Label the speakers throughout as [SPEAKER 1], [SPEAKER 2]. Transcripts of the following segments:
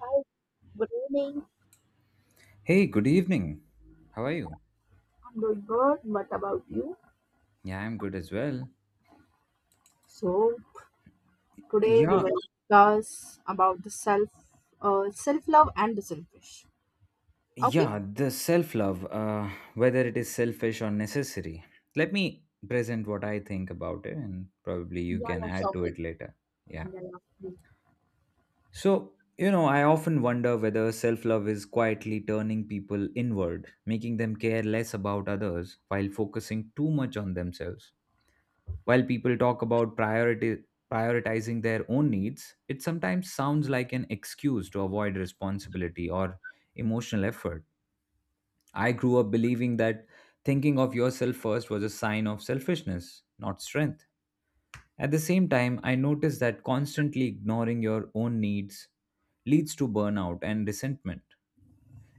[SPEAKER 1] Hi, good evening.
[SPEAKER 2] Hey, good evening. How are you?
[SPEAKER 1] I'm doing good. What about you?
[SPEAKER 2] Yeah, I'm good as well.
[SPEAKER 1] So today we
[SPEAKER 2] Yeah,
[SPEAKER 1] will discuss about the self, self love and the selfish. Okay?
[SPEAKER 2] yeah, the self love, whether it is selfish or necessary. Let me present what I think about it and probably
[SPEAKER 1] Yeah,
[SPEAKER 2] you can
[SPEAKER 1] yeah,
[SPEAKER 2] add
[SPEAKER 1] sure.
[SPEAKER 2] to it later. Yeah.
[SPEAKER 1] Yeah, yeah,
[SPEAKER 2] So I often wonder whether self love is quietly turning people inward, making them care less about others while focusing too much on themselves. While people talk about priority, prioritizing their own needs, it sometimes sounds like an excuse to avoid responsibility or emotional effort. I grew up believing that thinking of yourself first was a sign of selfishness, not strength. At the same time, I noticed that constantly ignoring your own needs leads to burnout and resentment.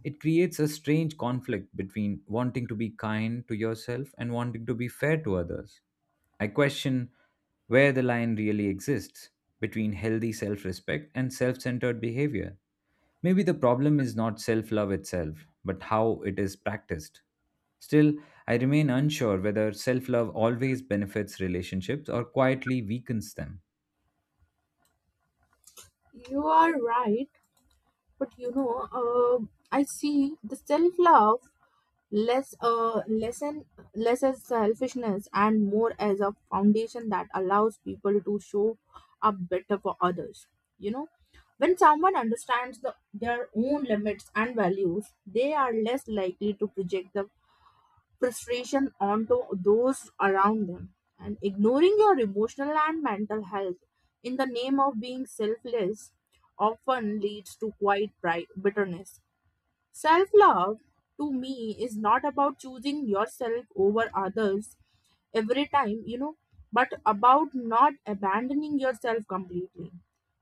[SPEAKER 2] It creates a strange conflict between wanting to be kind to yourself and wanting to be fair to others. I question where the line really exists between healthy self respect and self centered behavior. Maybe the problem is not self love itself, but how it is practiced. Still, I remain unsure whether self love always benefits relationships or quietly weakens them.
[SPEAKER 1] please. You are right, but I see the self love less, less as selfishness and more as a foundation that allows people to show up better for others you know when someone understands their own limits and values, they are less likely to project the frustration onto those around them. And ignoring your emotional and mental health in the name of being selfless often leads to bitterness. Self love to me is not about choosing yourself over others every time, you know, but about not abandoning yourself completely.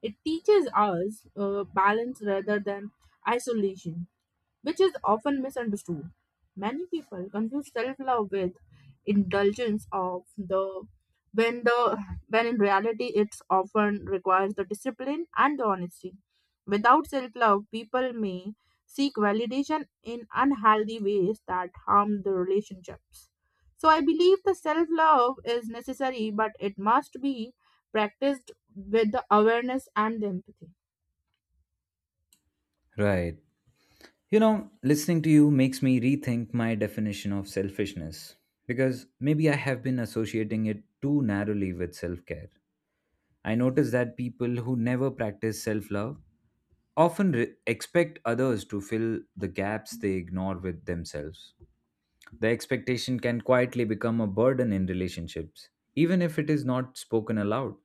[SPEAKER 1] It teaches us balance rather than isolation, which is often misunderstood. Many people confuse self-love with indulgence of the when in reality it's often requires the discipline and the honesty. Without self-love, people may seek validation in unhealthy ways that harm the relationships. So I believe the self-love is necessary, but it must be practiced with the awareness and the empathy.
[SPEAKER 2] Right. You know, listening to you makes me rethink my definition of selfishness because maybe I have been associating it too narrowly with self care. I notice that people who never practice self love often expect others to fill the gaps they ignore with themselves. The expectation can quietly become a burden in relationships, even if it is not spoken aloud.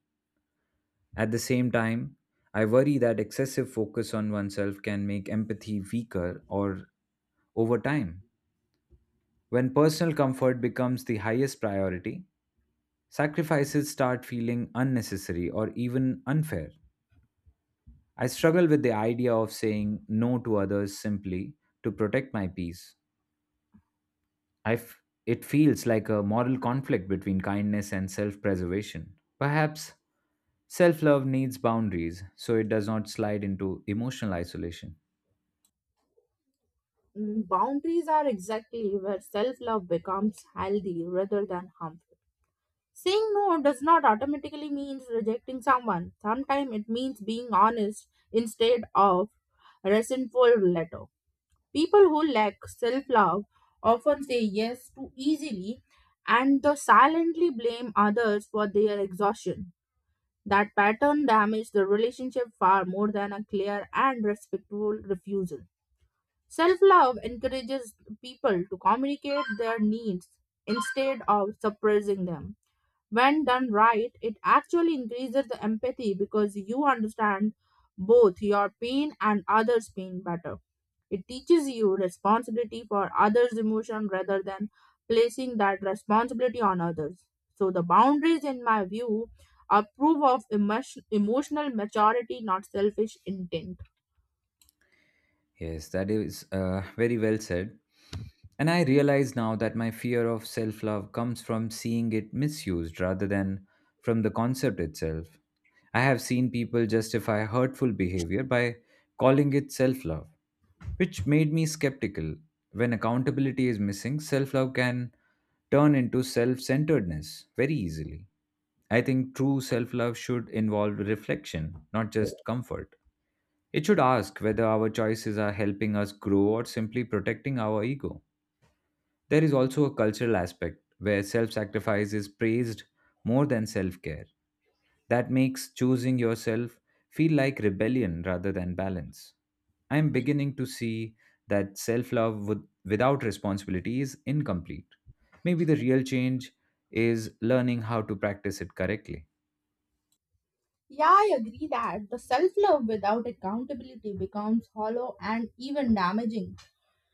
[SPEAKER 2] At the same time, I worry that excessive focus on oneself can make empathy weaker or over time. When personal comfort becomes the highest priority, sacrifices start feeling unnecessary or even unfair. I struggle with the idea of saying no to others simply to protect my peace. It feels like a moral conflict between kindness and self preservation. Perhaps self love needs boundaries so it does not slide into emotional isolation.
[SPEAKER 1] Boundaries are exactly where self love becomes healthy rather than harmful. Saying no does not automatically mean rejecting someone. Sometimes it means being honest instead of resentful letter. People who lack self love often say yes too easily, and they silently blame others for their exhaustion. That pattern damages the relationship far more than a clear and respectful refusal. Self love encourages people to communicate their needs instead of suppressing them. When done right, it actually increases the empathy because you understand both your pain and others' pain better. It teaches you responsibility for others' emotion rather than placing that responsibility on others. So, the boundaries, in my view, are proof of emotional maturity, not selfish intent.
[SPEAKER 2] Yes, that is very well said. And I realize now that my fear of self love comes from seeing it misused rather than from the concept itself. I have seen people justify hurtful behavior by calling it self love, which made me skeptical. When accountability is missing, self love can turn into self centeredness very easily. I think true self love should involve reflection, not just comfort. It should ask whether our choices are helping us grow or simply protecting our ego. There is also a cultural aspect where self sacrifice is praised more than self care. That makes choosing yourself feel like rebellion rather than balance. I am beginning to see that self love without responsibility is incomplete. Maybe the real change is learning how to practice it correctly.
[SPEAKER 1] Yeah, I agree that the self love without accountability becomes hollow and even damaging.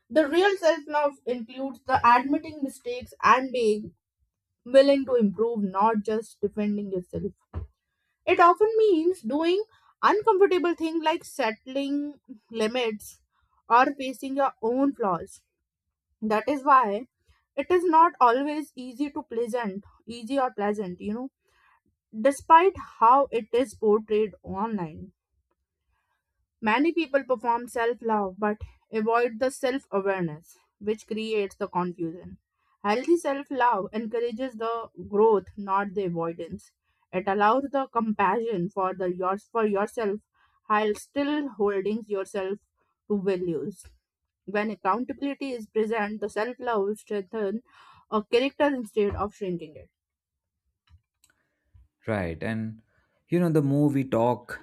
[SPEAKER 1] The real self love includes the admitting mistakes and being willing to improve, not just defending yourself. It often means doing uncomfortable things like settling limits or facing your own flaws. That is why it is not always easy or pleasant, you know, despite how it is portrayed online. Many people perform self love but avoid the self awareness, which creates the confusion. Healthy self love encourages the growth, not the avoidance. It allows the compassion for yourself while still holding yourself to values. When accountability is present, the self love strengthens a character instead of shrinking it.
[SPEAKER 2] Right. And you know, the more we talk,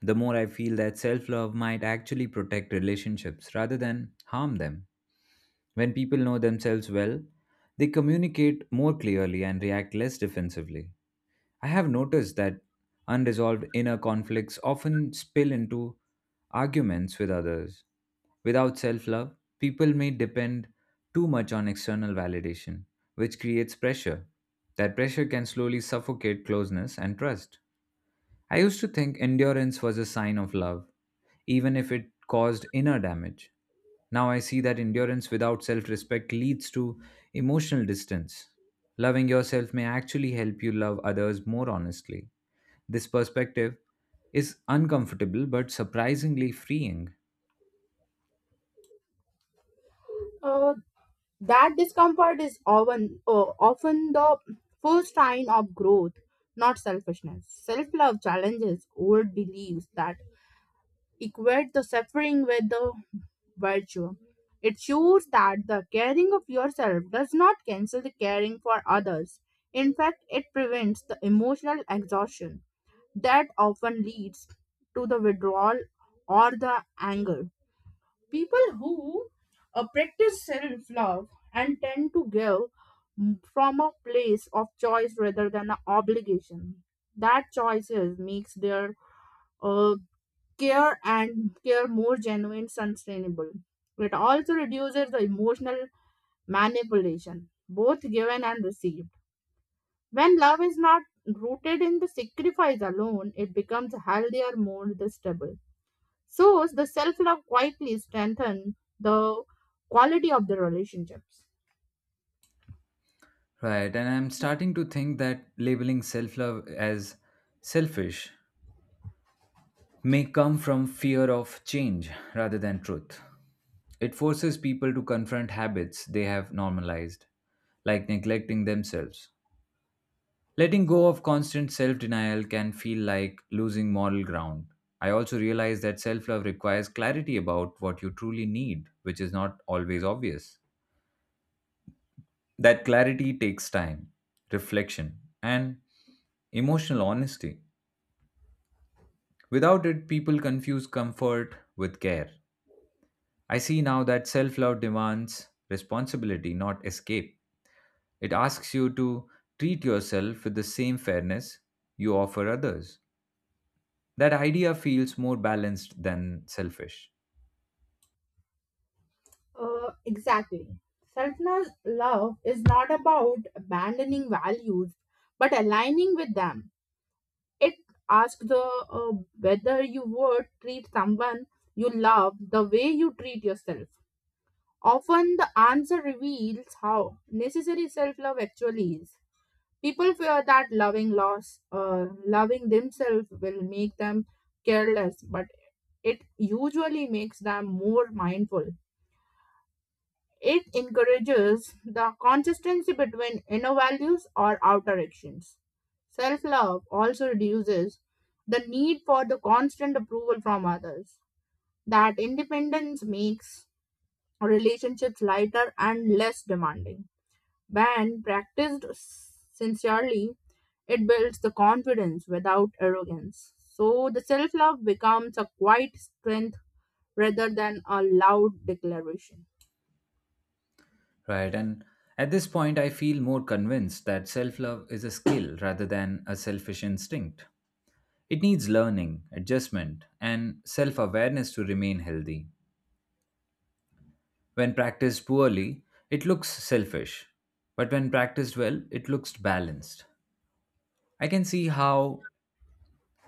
[SPEAKER 2] the more I feel that self love might actually protect relationships rather than harm them. When people know themselves well, they communicate more clearly and react less defensively. I have noticed that unresolved inner conflicts often spill into arguments with others. Without self love, people may depend too much on external validation, which creates pressure. That pressure can slowly suffocate closeness and trust. I used to think endurance was a sign of love, even if it caused inner damage. Now I see that endurance without self respect leads to emotional distance. Loving yourself may actually help you love others more honestly. This perspective is uncomfortable but surprisingly freeing.
[SPEAKER 1] Uh, That discomfort is often the first sign of growth, not selfishness. Self love challenges old beliefs that equate the suffering with the virtue. It shows that the caring of yourself does not cancel the caring for others. In fact, it prevents the emotional exhaustion that often leads to the withdrawal or the anger. People who practice self love and tend to give from a place of choice rather than an obligation. That choices makes their uh, care more genuine, sustainable. It also reduces the emotional manipulation, both given and received. When love is not rooted in the sacrifice alone, it becomes healthier, more stable. So the self love quietly strengthens the quality of the relationships.
[SPEAKER 2] Right, and I'm starting to think that labeling self love as selfish may come from fear of change rather than truth. It forces people to confront habits they have normalized, like neglecting themselves. Letting go of constant self denial can feel like losing moral ground. I also realize that self love requires clarity about what you truly need, which is not always obvious. That clarity takes time, reflection, and emotional honesty. Without it, people confuse comfort with care. I see now that self love demands responsibility, not escape. It asks you to treat yourself with the same fairness you offer others. That idea feels more balanced than selfish.
[SPEAKER 1] Exactly. Self love is not about abandoning values but aligning with them. It asks whether you would treat someone you love the way you treat yourself. Often the answer reveals how necessary self love actually is. People fear that loving themselves will make them careless, but it usually makes them more mindful. It encourages the consistency between inner values or outer actions. Self love also reduces the need for the constant approval from others. That independence makes relationships lighter and less demanding. When practiced sincerely, it builds the confidence without arrogance. So the self love becomes a quiet strength rather than a loud declaration.
[SPEAKER 2] Right. And at this point, I feel more convinced that self love is a skill rather than a selfish instinct. It needs learning, adjustment, and self awareness to remain healthy. When practiced poorly, it looks selfish, but when practiced well, it looks balanced. I can see how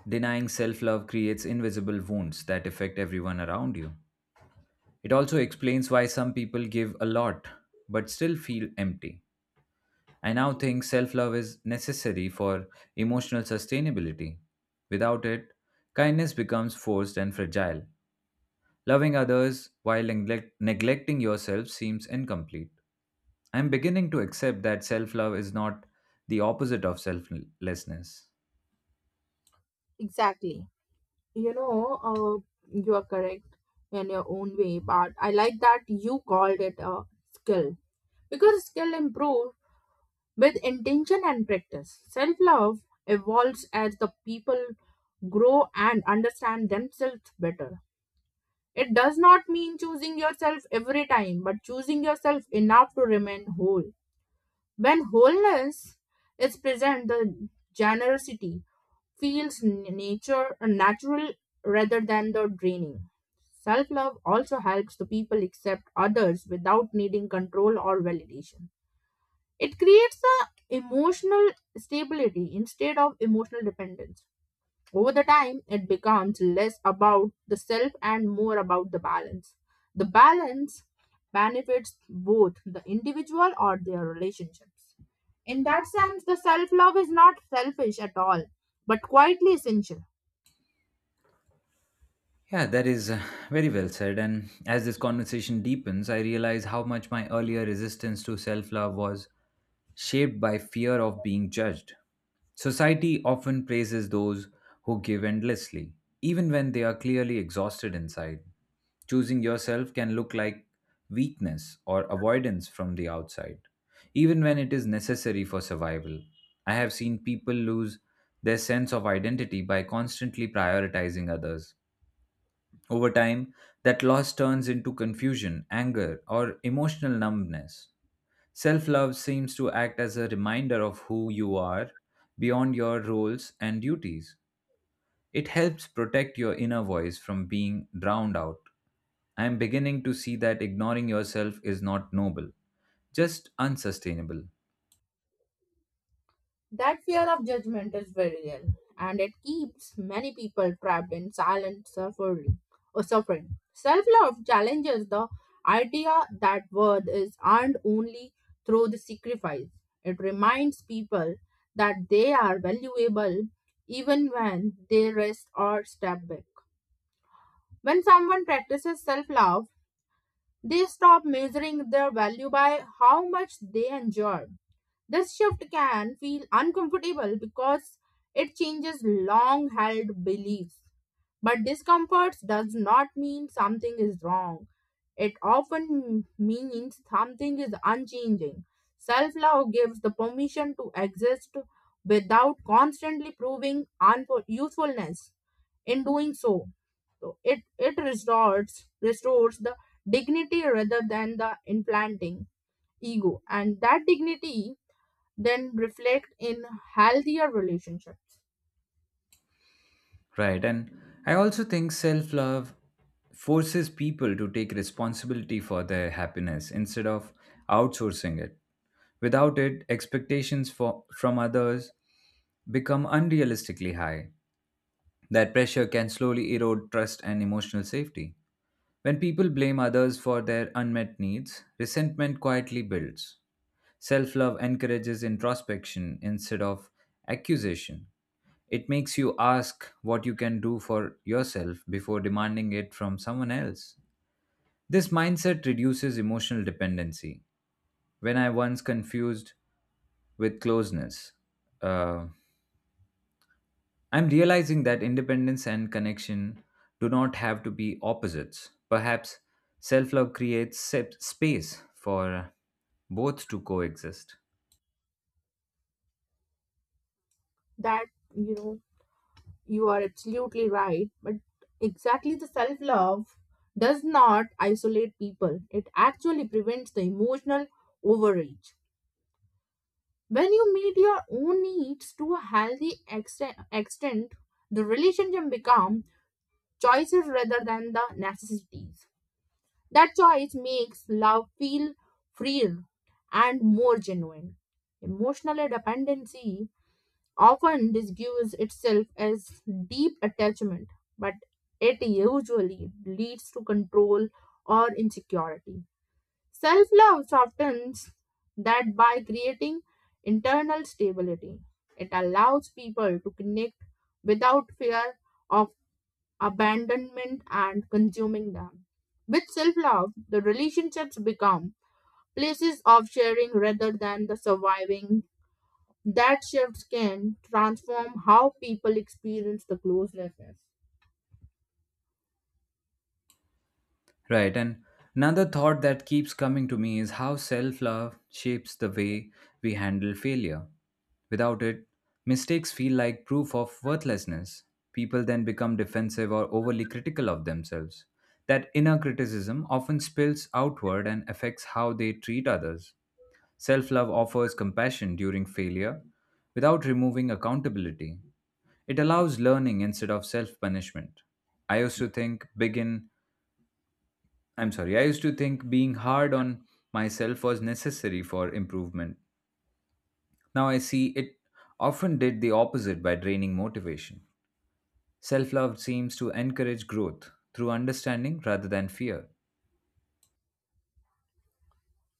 [SPEAKER 2] denying self love creates invisible wounds that affect everyone around you. It also explains why some people give a lot but still feel empty. I now think self love is necessary for emotional sustainability. Without it, kindness becomes forced and fragile. Loving others while neglecting yourself seems incomplete. I'm beginning to accept that self love is not the opposite of selflessness.
[SPEAKER 1] Exactly. You know, you are correct in your own way, but I like that you called it a skill because skill improves with intention and practice. Self love evolves as the people grow and understand themselves better. It does not mean choosing yourself every time, but choosing yourself enough to remain whole. When wholeness is present, the generosity feels nature natural rather than the draining. Self love also helps the people accept others without needing control or validation. It creates a emotional stability instead of emotional dependence. Over the time, it becomes less about the self and more about the balance. The balance benefits both the individual or their relationships. In that sense, the self love is not selfish at all, but quietly essential.
[SPEAKER 2] Yeah, that is very well said. And as this conversation deepens, I realize how much my earlier resistance to self love was shaped by fear of being judged. Society often praises those who give endlessly, even when they are clearly exhausted inside. Choosing yourself can look like weakness or avoidance from the outside, even when it is necessary for survival. I have seen people lose their sense of identity by constantly prioritizing others over time, that loss turns into confusion, anger, or emotional numbness. Self love seems to act as a reminder of who you are beyond your roles and duties. It helps protect your inner voice from being drowned out. I am beginning to see that ignoring yourself is not noble, just unsustainable.
[SPEAKER 1] That fear of judgment is very real, and it keeps many people trapped in silent suffering. Self-love challenges the idea that worth is earned only through the sacrifice. It reminds people that they are valuable even when they rest or step back. When someone practices self-love, they stop measuring their value by how much they endure. This shift can feel uncomfortable because it changes long held beliefs. But discomfort does not mean something is wrong. It often means something is unchanging. Self love gives the permission to exist without constantly proving usefulness in doing so. So it restores the dignity rather than the implanting ego. And that dignity then reflect in healthier relationships.
[SPEAKER 2] Right. And I also think self love forces people to take responsibility for their happiness instead of outsourcing it. Without it, expectations for, from others become unrealistically high. That pressure can slowly erode trust and emotional safety. When people blame others for their unmet needs, resentment quietly builds. Self love encourages introspection instead of accusation. It makes you ask what you can do for yourself before demanding it from someone else. This mindset reduces emotional dependency. When I once confused with closeness, uh, I'm realizing that independence and connection do not have to be opposites. Perhaps self love creates space for both to coexist.
[SPEAKER 1] That you know You are absolutely right. But exactly, the self love does not isolate people, it actually prevents the emotional overreach. When you meet your own needs to a healthy extent, the relationship become choices rather than the necessities. That choice makes love feel freer and more genuine. Emotional dependency often disguises itself as deep attachment, but it usually leads to control or insecurity. Self love softens that by creating internal stability. It allows people to connect without fear of abandonment and consuming them. With self love, the relationships become places of sharing rather than the surviving. That shift can transform how people experience the closeness.
[SPEAKER 2] Right. And another thought that keeps coming to me is how self love shapes the way we handle failure. Without it, mistakes feel like proof of worthlessness. People then become defensive or overly critical of themselves. That inner criticism often spills outward and affects how they treat others. Self love offers compassion during failure without removing accountability. It allows learning instead of self punishment. I used to think begin I used to think being hard on myself was necessary for improvement. Now I see it often did the opposite by draining motivation. Self love seems to encourage growth through understanding rather than fear.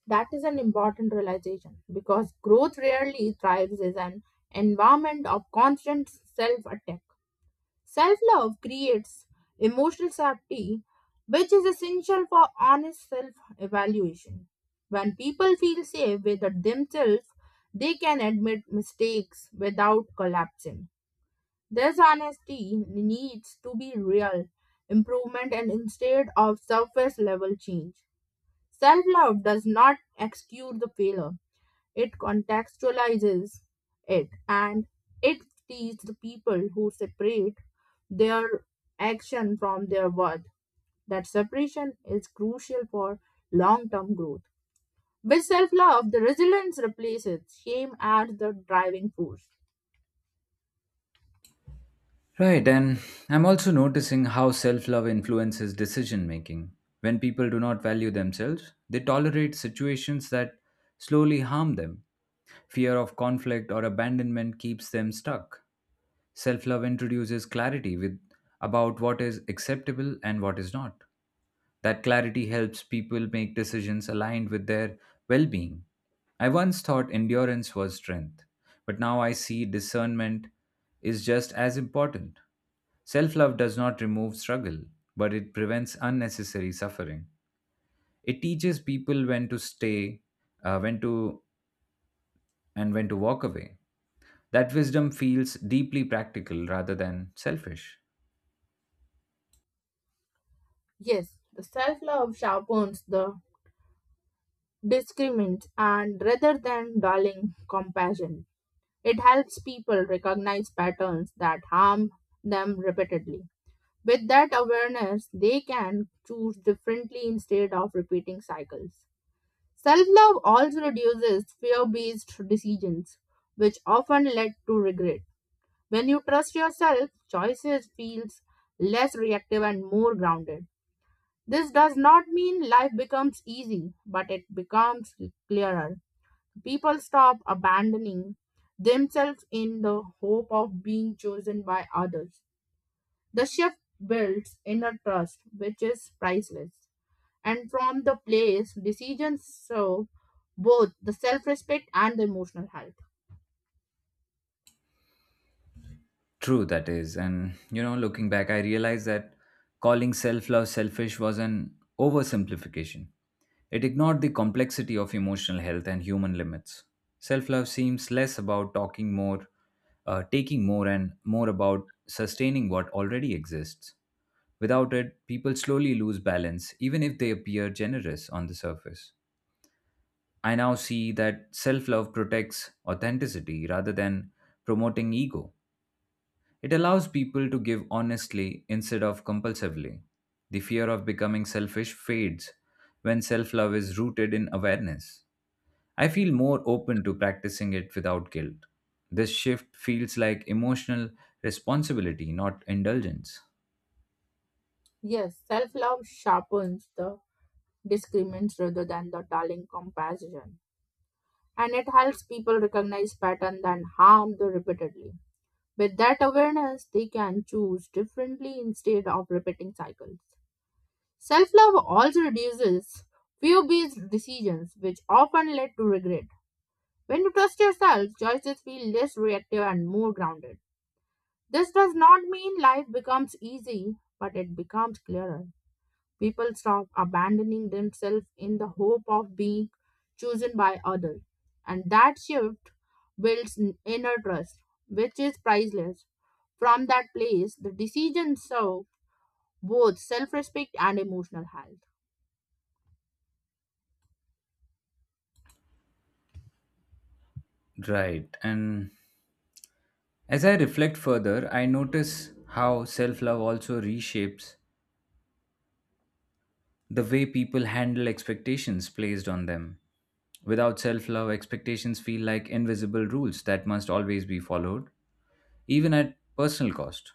[SPEAKER 1] That is an important realization because growth rarely thrives as an environment of constant self attack. Self love creates emotional safety, which is essential for honest self evaluation. When people feel safe with themselves, they can admit mistakes without collapsing. This honesty needs to be real improvement and instead of surface level change. Self love does not excuse the failure, it contextualizes it, and it teaches the people who separate their action from their worth. That separation is crucial for long term growth. With self love, the resilience replaces shame as the driving force.
[SPEAKER 2] Right, and I'm also noticing how self love influences decision making. When people do not value themselves, they tolerate situations that slowly harm them. Fear of conflict or abandonment keeps them stuck. Self love introduces clarity with, about what is acceptable and what is not. That clarity helps people make decisions aligned with their well being. I once thought endurance was strength, but now I see discernment is just as important. Self love does not remove struggle, but it prevents unnecessary suffering. It teaches people when to stay, uh, when to, and when to walk away. That wisdom feels deeply practical rather than selfish.
[SPEAKER 1] Yes, the self love sharpens the discriminant and rather than dulling compassion. It helps people recognize patterns that harm them repeatedly. With that awareness, they can choose differently instead of repeating cycles. Self love also reduces fear based decisions, which often lead to regret. When you trust yourself, choices feels less reactive and more grounded. This does not mean life becomes easy, but it becomes clearer. People stop abandoning themselves in the hope of being chosen by others. The shift builds inner trust, which is priceless. And from the place, decisions serve both the self respect and the emotional health.
[SPEAKER 2] True, that is. And, you know, looking back, I realized that calling self love selfish was an oversimplification. It ignored the complexity of emotional health and human limits. Self love seems less about talking more, taking more, and more about sustaining what already exists. Without it, people slowly lose balance, even if they appear generous on the surface. I now see that self love protects authenticity rather than promoting ego. It allows people to give honestly instead of compulsively. The fear of becoming selfish fades when self love is rooted in awareness. I feel more open to practicing it without guilt. This shift feels like emotional responsibility, not indulgence.
[SPEAKER 1] Yes, self love sharpens the discrimines rather than the dulling comparison. And it helps people recognize patterns and harm them repeatedly. With that awareness, they can choose differently instead of repeating cycles. Self love also reduces fear based decisions, which often lead to regret. When you trust yourself, choices feel less reactive and more grounded. This does not mean life becomes easy, but it becomes clearer. People stop abandoning themselves in the hope of being chosen by others, and that shift builds inner trust, which is priceless. From that place, the decisions serve both self respect and emotional health.
[SPEAKER 2] Right. And as I reflect further, I notice how self love also reshapes the way people handle expectations placed on them. Without self love, expectations feel like invisible rules that must always be followed, even at personal cost.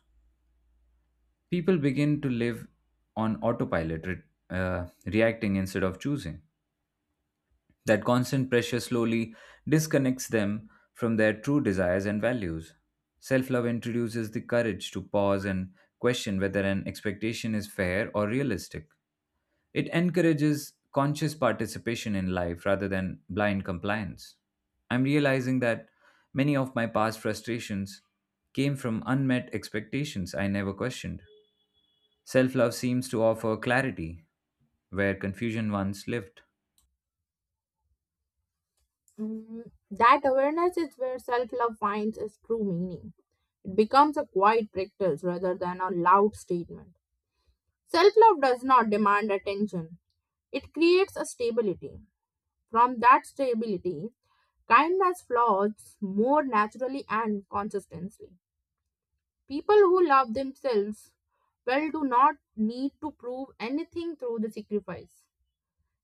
[SPEAKER 2] People begin to live on autopilot, reacting instead of choosing. That constant pressure slowly disconnects them from their true desires and values. Self love introduces the courage to pause and question whether an expectation is fair or realistic. It encourages conscious participation in life rather than blind compliance. I'm realizing that many of my past frustrations came from unmet expectations I never questioned. Self love seems to offer clarity where confusion once lived.
[SPEAKER 1] Mm, that awareness is where self love finds its true meaning. It becomes a quiet practice rather than a loud statement. Self love does not demand attention, it creates a stability. From that stability, kindness flows more naturally and consistently. People who love themselves well do not need to prove anything through the sacrifice.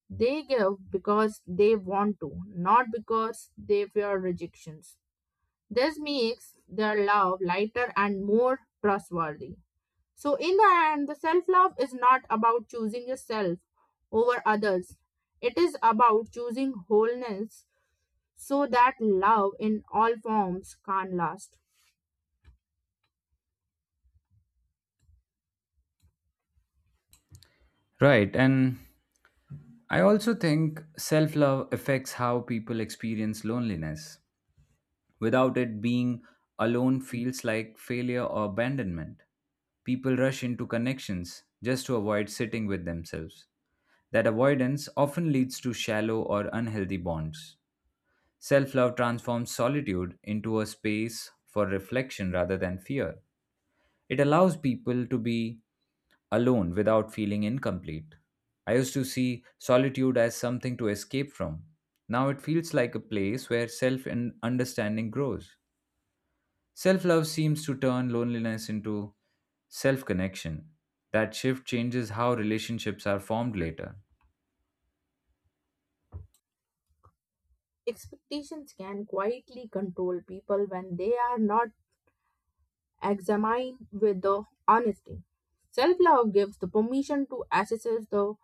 [SPEAKER 1] They give because they want to, not because they fear rejections. This makes their love lighter and more trustworthy. So, in the end, the self love is not about choosing yourself over others, it is about choosing wholeness so that love in all forms can last.
[SPEAKER 2] Right, and I also think self love affects how people experience loneliness. Without it, being alone feels like failure or abandonment. People rush into connections just to avoid sitting with themselves. That avoidance often leads to shallow or unhealthy bonds. Self love transforms solitude into a space for reflection rather than fear. It allows people to be alone without feeling incomplete. I used to see solitude as something to escape from. Now it feels like a place where self and understanding grows. Self love seems to turn loneliness into self connection. That shift changes how relationships are formed later.
[SPEAKER 1] Expectations can quietly control people when they are not examine with the honesty. Self love gives the permission to assess the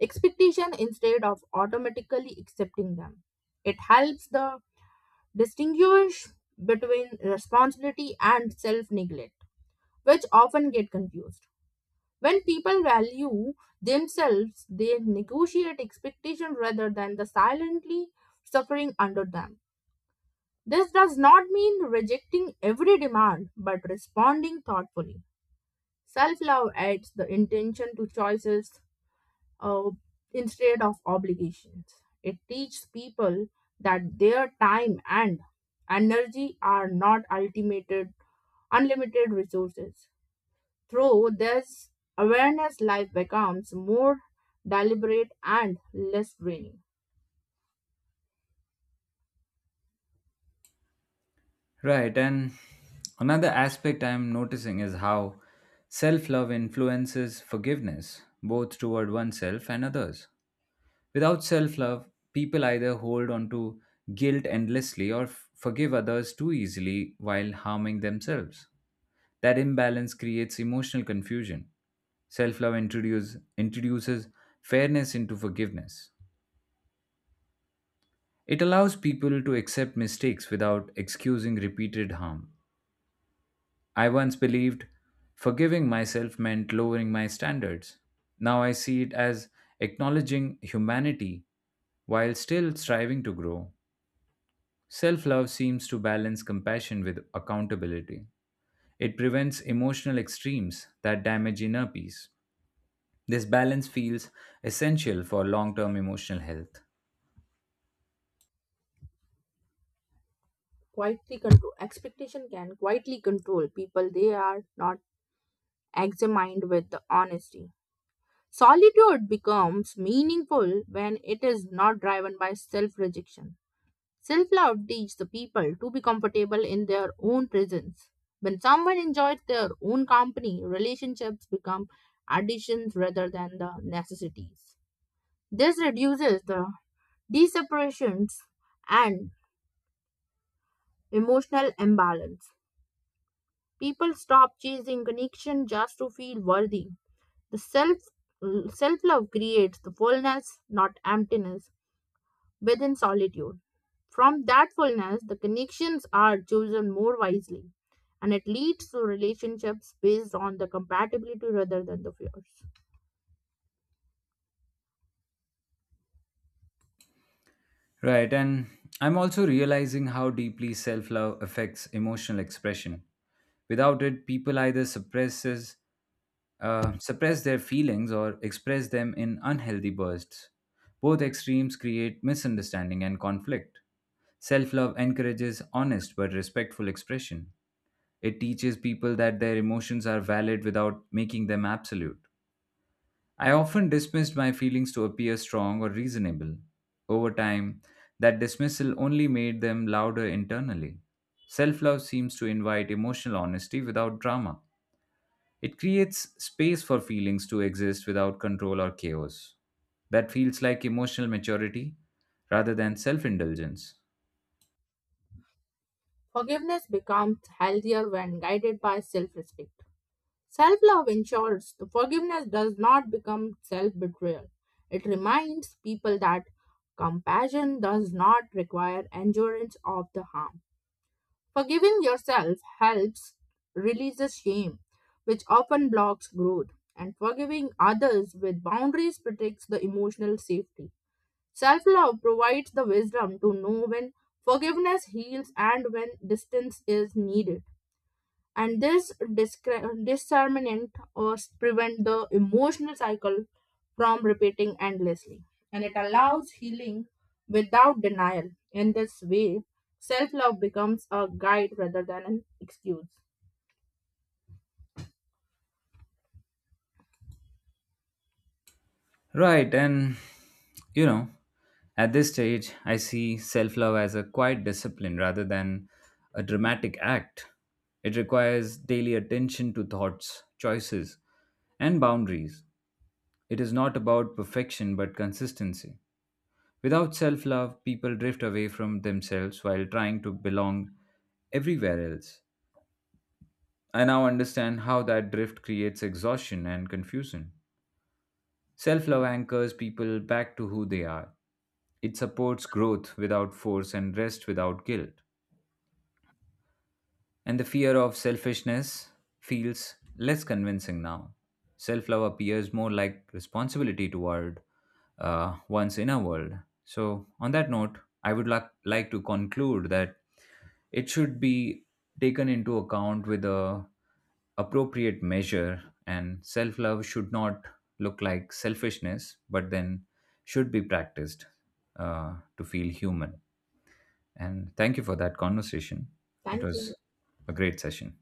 [SPEAKER 1] expectation instead of automatically accepting them. It helps the distinguish between responsibility and self neglect, which often get confused. When people value themselves, they negotiate expectation rather than the silently suffering under them. This does not mean rejecting every demand, but responding thoughtfully. Self love adds the intention to choices uh, instead of obligations. It teaches people that their time and energy are not unlimited resources. Through this awareness, life becomes more deliberate and less draining.
[SPEAKER 2] Right, and another aspect I am noticing is how self love influences forgiveness, both toward oneself and others. Without self love, people either hold on to guilt endlessly or forgive others too easily while harming themselves. That imbalance creates emotional confusion. Self love introduces fairness into forgiveness. It allows people to accept mistakes without excusing repeated harm. I once believed forgiving myself meant lowering my standards. Now I see it as acknowledging humanity while still striving to grow. Self love seems to balance compassion with accountability. It prevents emotional extremes that damage inner peace. This balance feels essential for long term emotional health.
[SPEAKER 1] Quietly control expectation can quietly control people they are not examined with the honesty. Solitude becomes meaningful when it is not driven by self rejection. Self love teaches the people to be comfortable in their own presence. When someone enjoys their own company, relationships become additions rather than the necessities. This reduces the deseparations and emotional imbalance. People stop chasing connection just to feel worthy. The self love creates the fullness, not emptiness within solitude. From that fullness, the connections are chosen more wisely, and it leads to relationships based on the compatibility rather than the fears.
[SPEAKER 2] Right, and I'm also realizing how deeply self love affects emotional expression. Without it, people either suppress their feelings or express them in unhealthy bursts. Both extremes create misunderstanding and conflict. Self love encourages honest but respectful expression. It teaches people that their emotions are valid without making them absolute. I often dismissed my feelings to appear strong or reasonable. Over time, that dismissal only made them louder internally. Self love seems to invite emotional honesty without drama. It creates space for feelings to exist without control or chaos. That feels like emotional maturity rather than self indulgence.
[SPEAKER 1] Forgiveness becomes healthier when guided by self respect. Self love ensures the forgiveness does not become self betrayal. It reminds people that compassion does not require endurance of the harm. Forgiving yourself helps release the shame, which often blocks growth, and forgiving others with boundaries protects the emotional safety. Self love provides the wisdom to know when forgiveness heals and when distance is needed. And this discernment prevent the emotional cycle from repeating endlessly, and it allows healing without denial. In this way, self-love becomes a guide rather than an excuse.
[SPEAKER 2] Right, and you know, at this stage, I see self love as a quiet discipline rather than a dramatic act. It requires daily attention to thoughts, choices, and boundaries. It is not about perfection but consistency. Without self love, people drift away from themselves while trying to belong everywhere else. I now understand how that drift creates exhaustion and confusion. Self love anchors people back to who they are. It supports growth without force and rest without guilt. And the fear of selfishness feels less convincing now. Self love appears more like responsibility toward one's inner world. So, on that note, I would like to conclude that it should be taken into account with a appropriate measure, and self love should not look like selfishness, but then should be practiced to feel human. And thank you for that conversation. It
[SPEAKER 1] Thank
[SPEAKER 2] was
[SPEAKER 1] you.
[SPEAKER 2] a great session.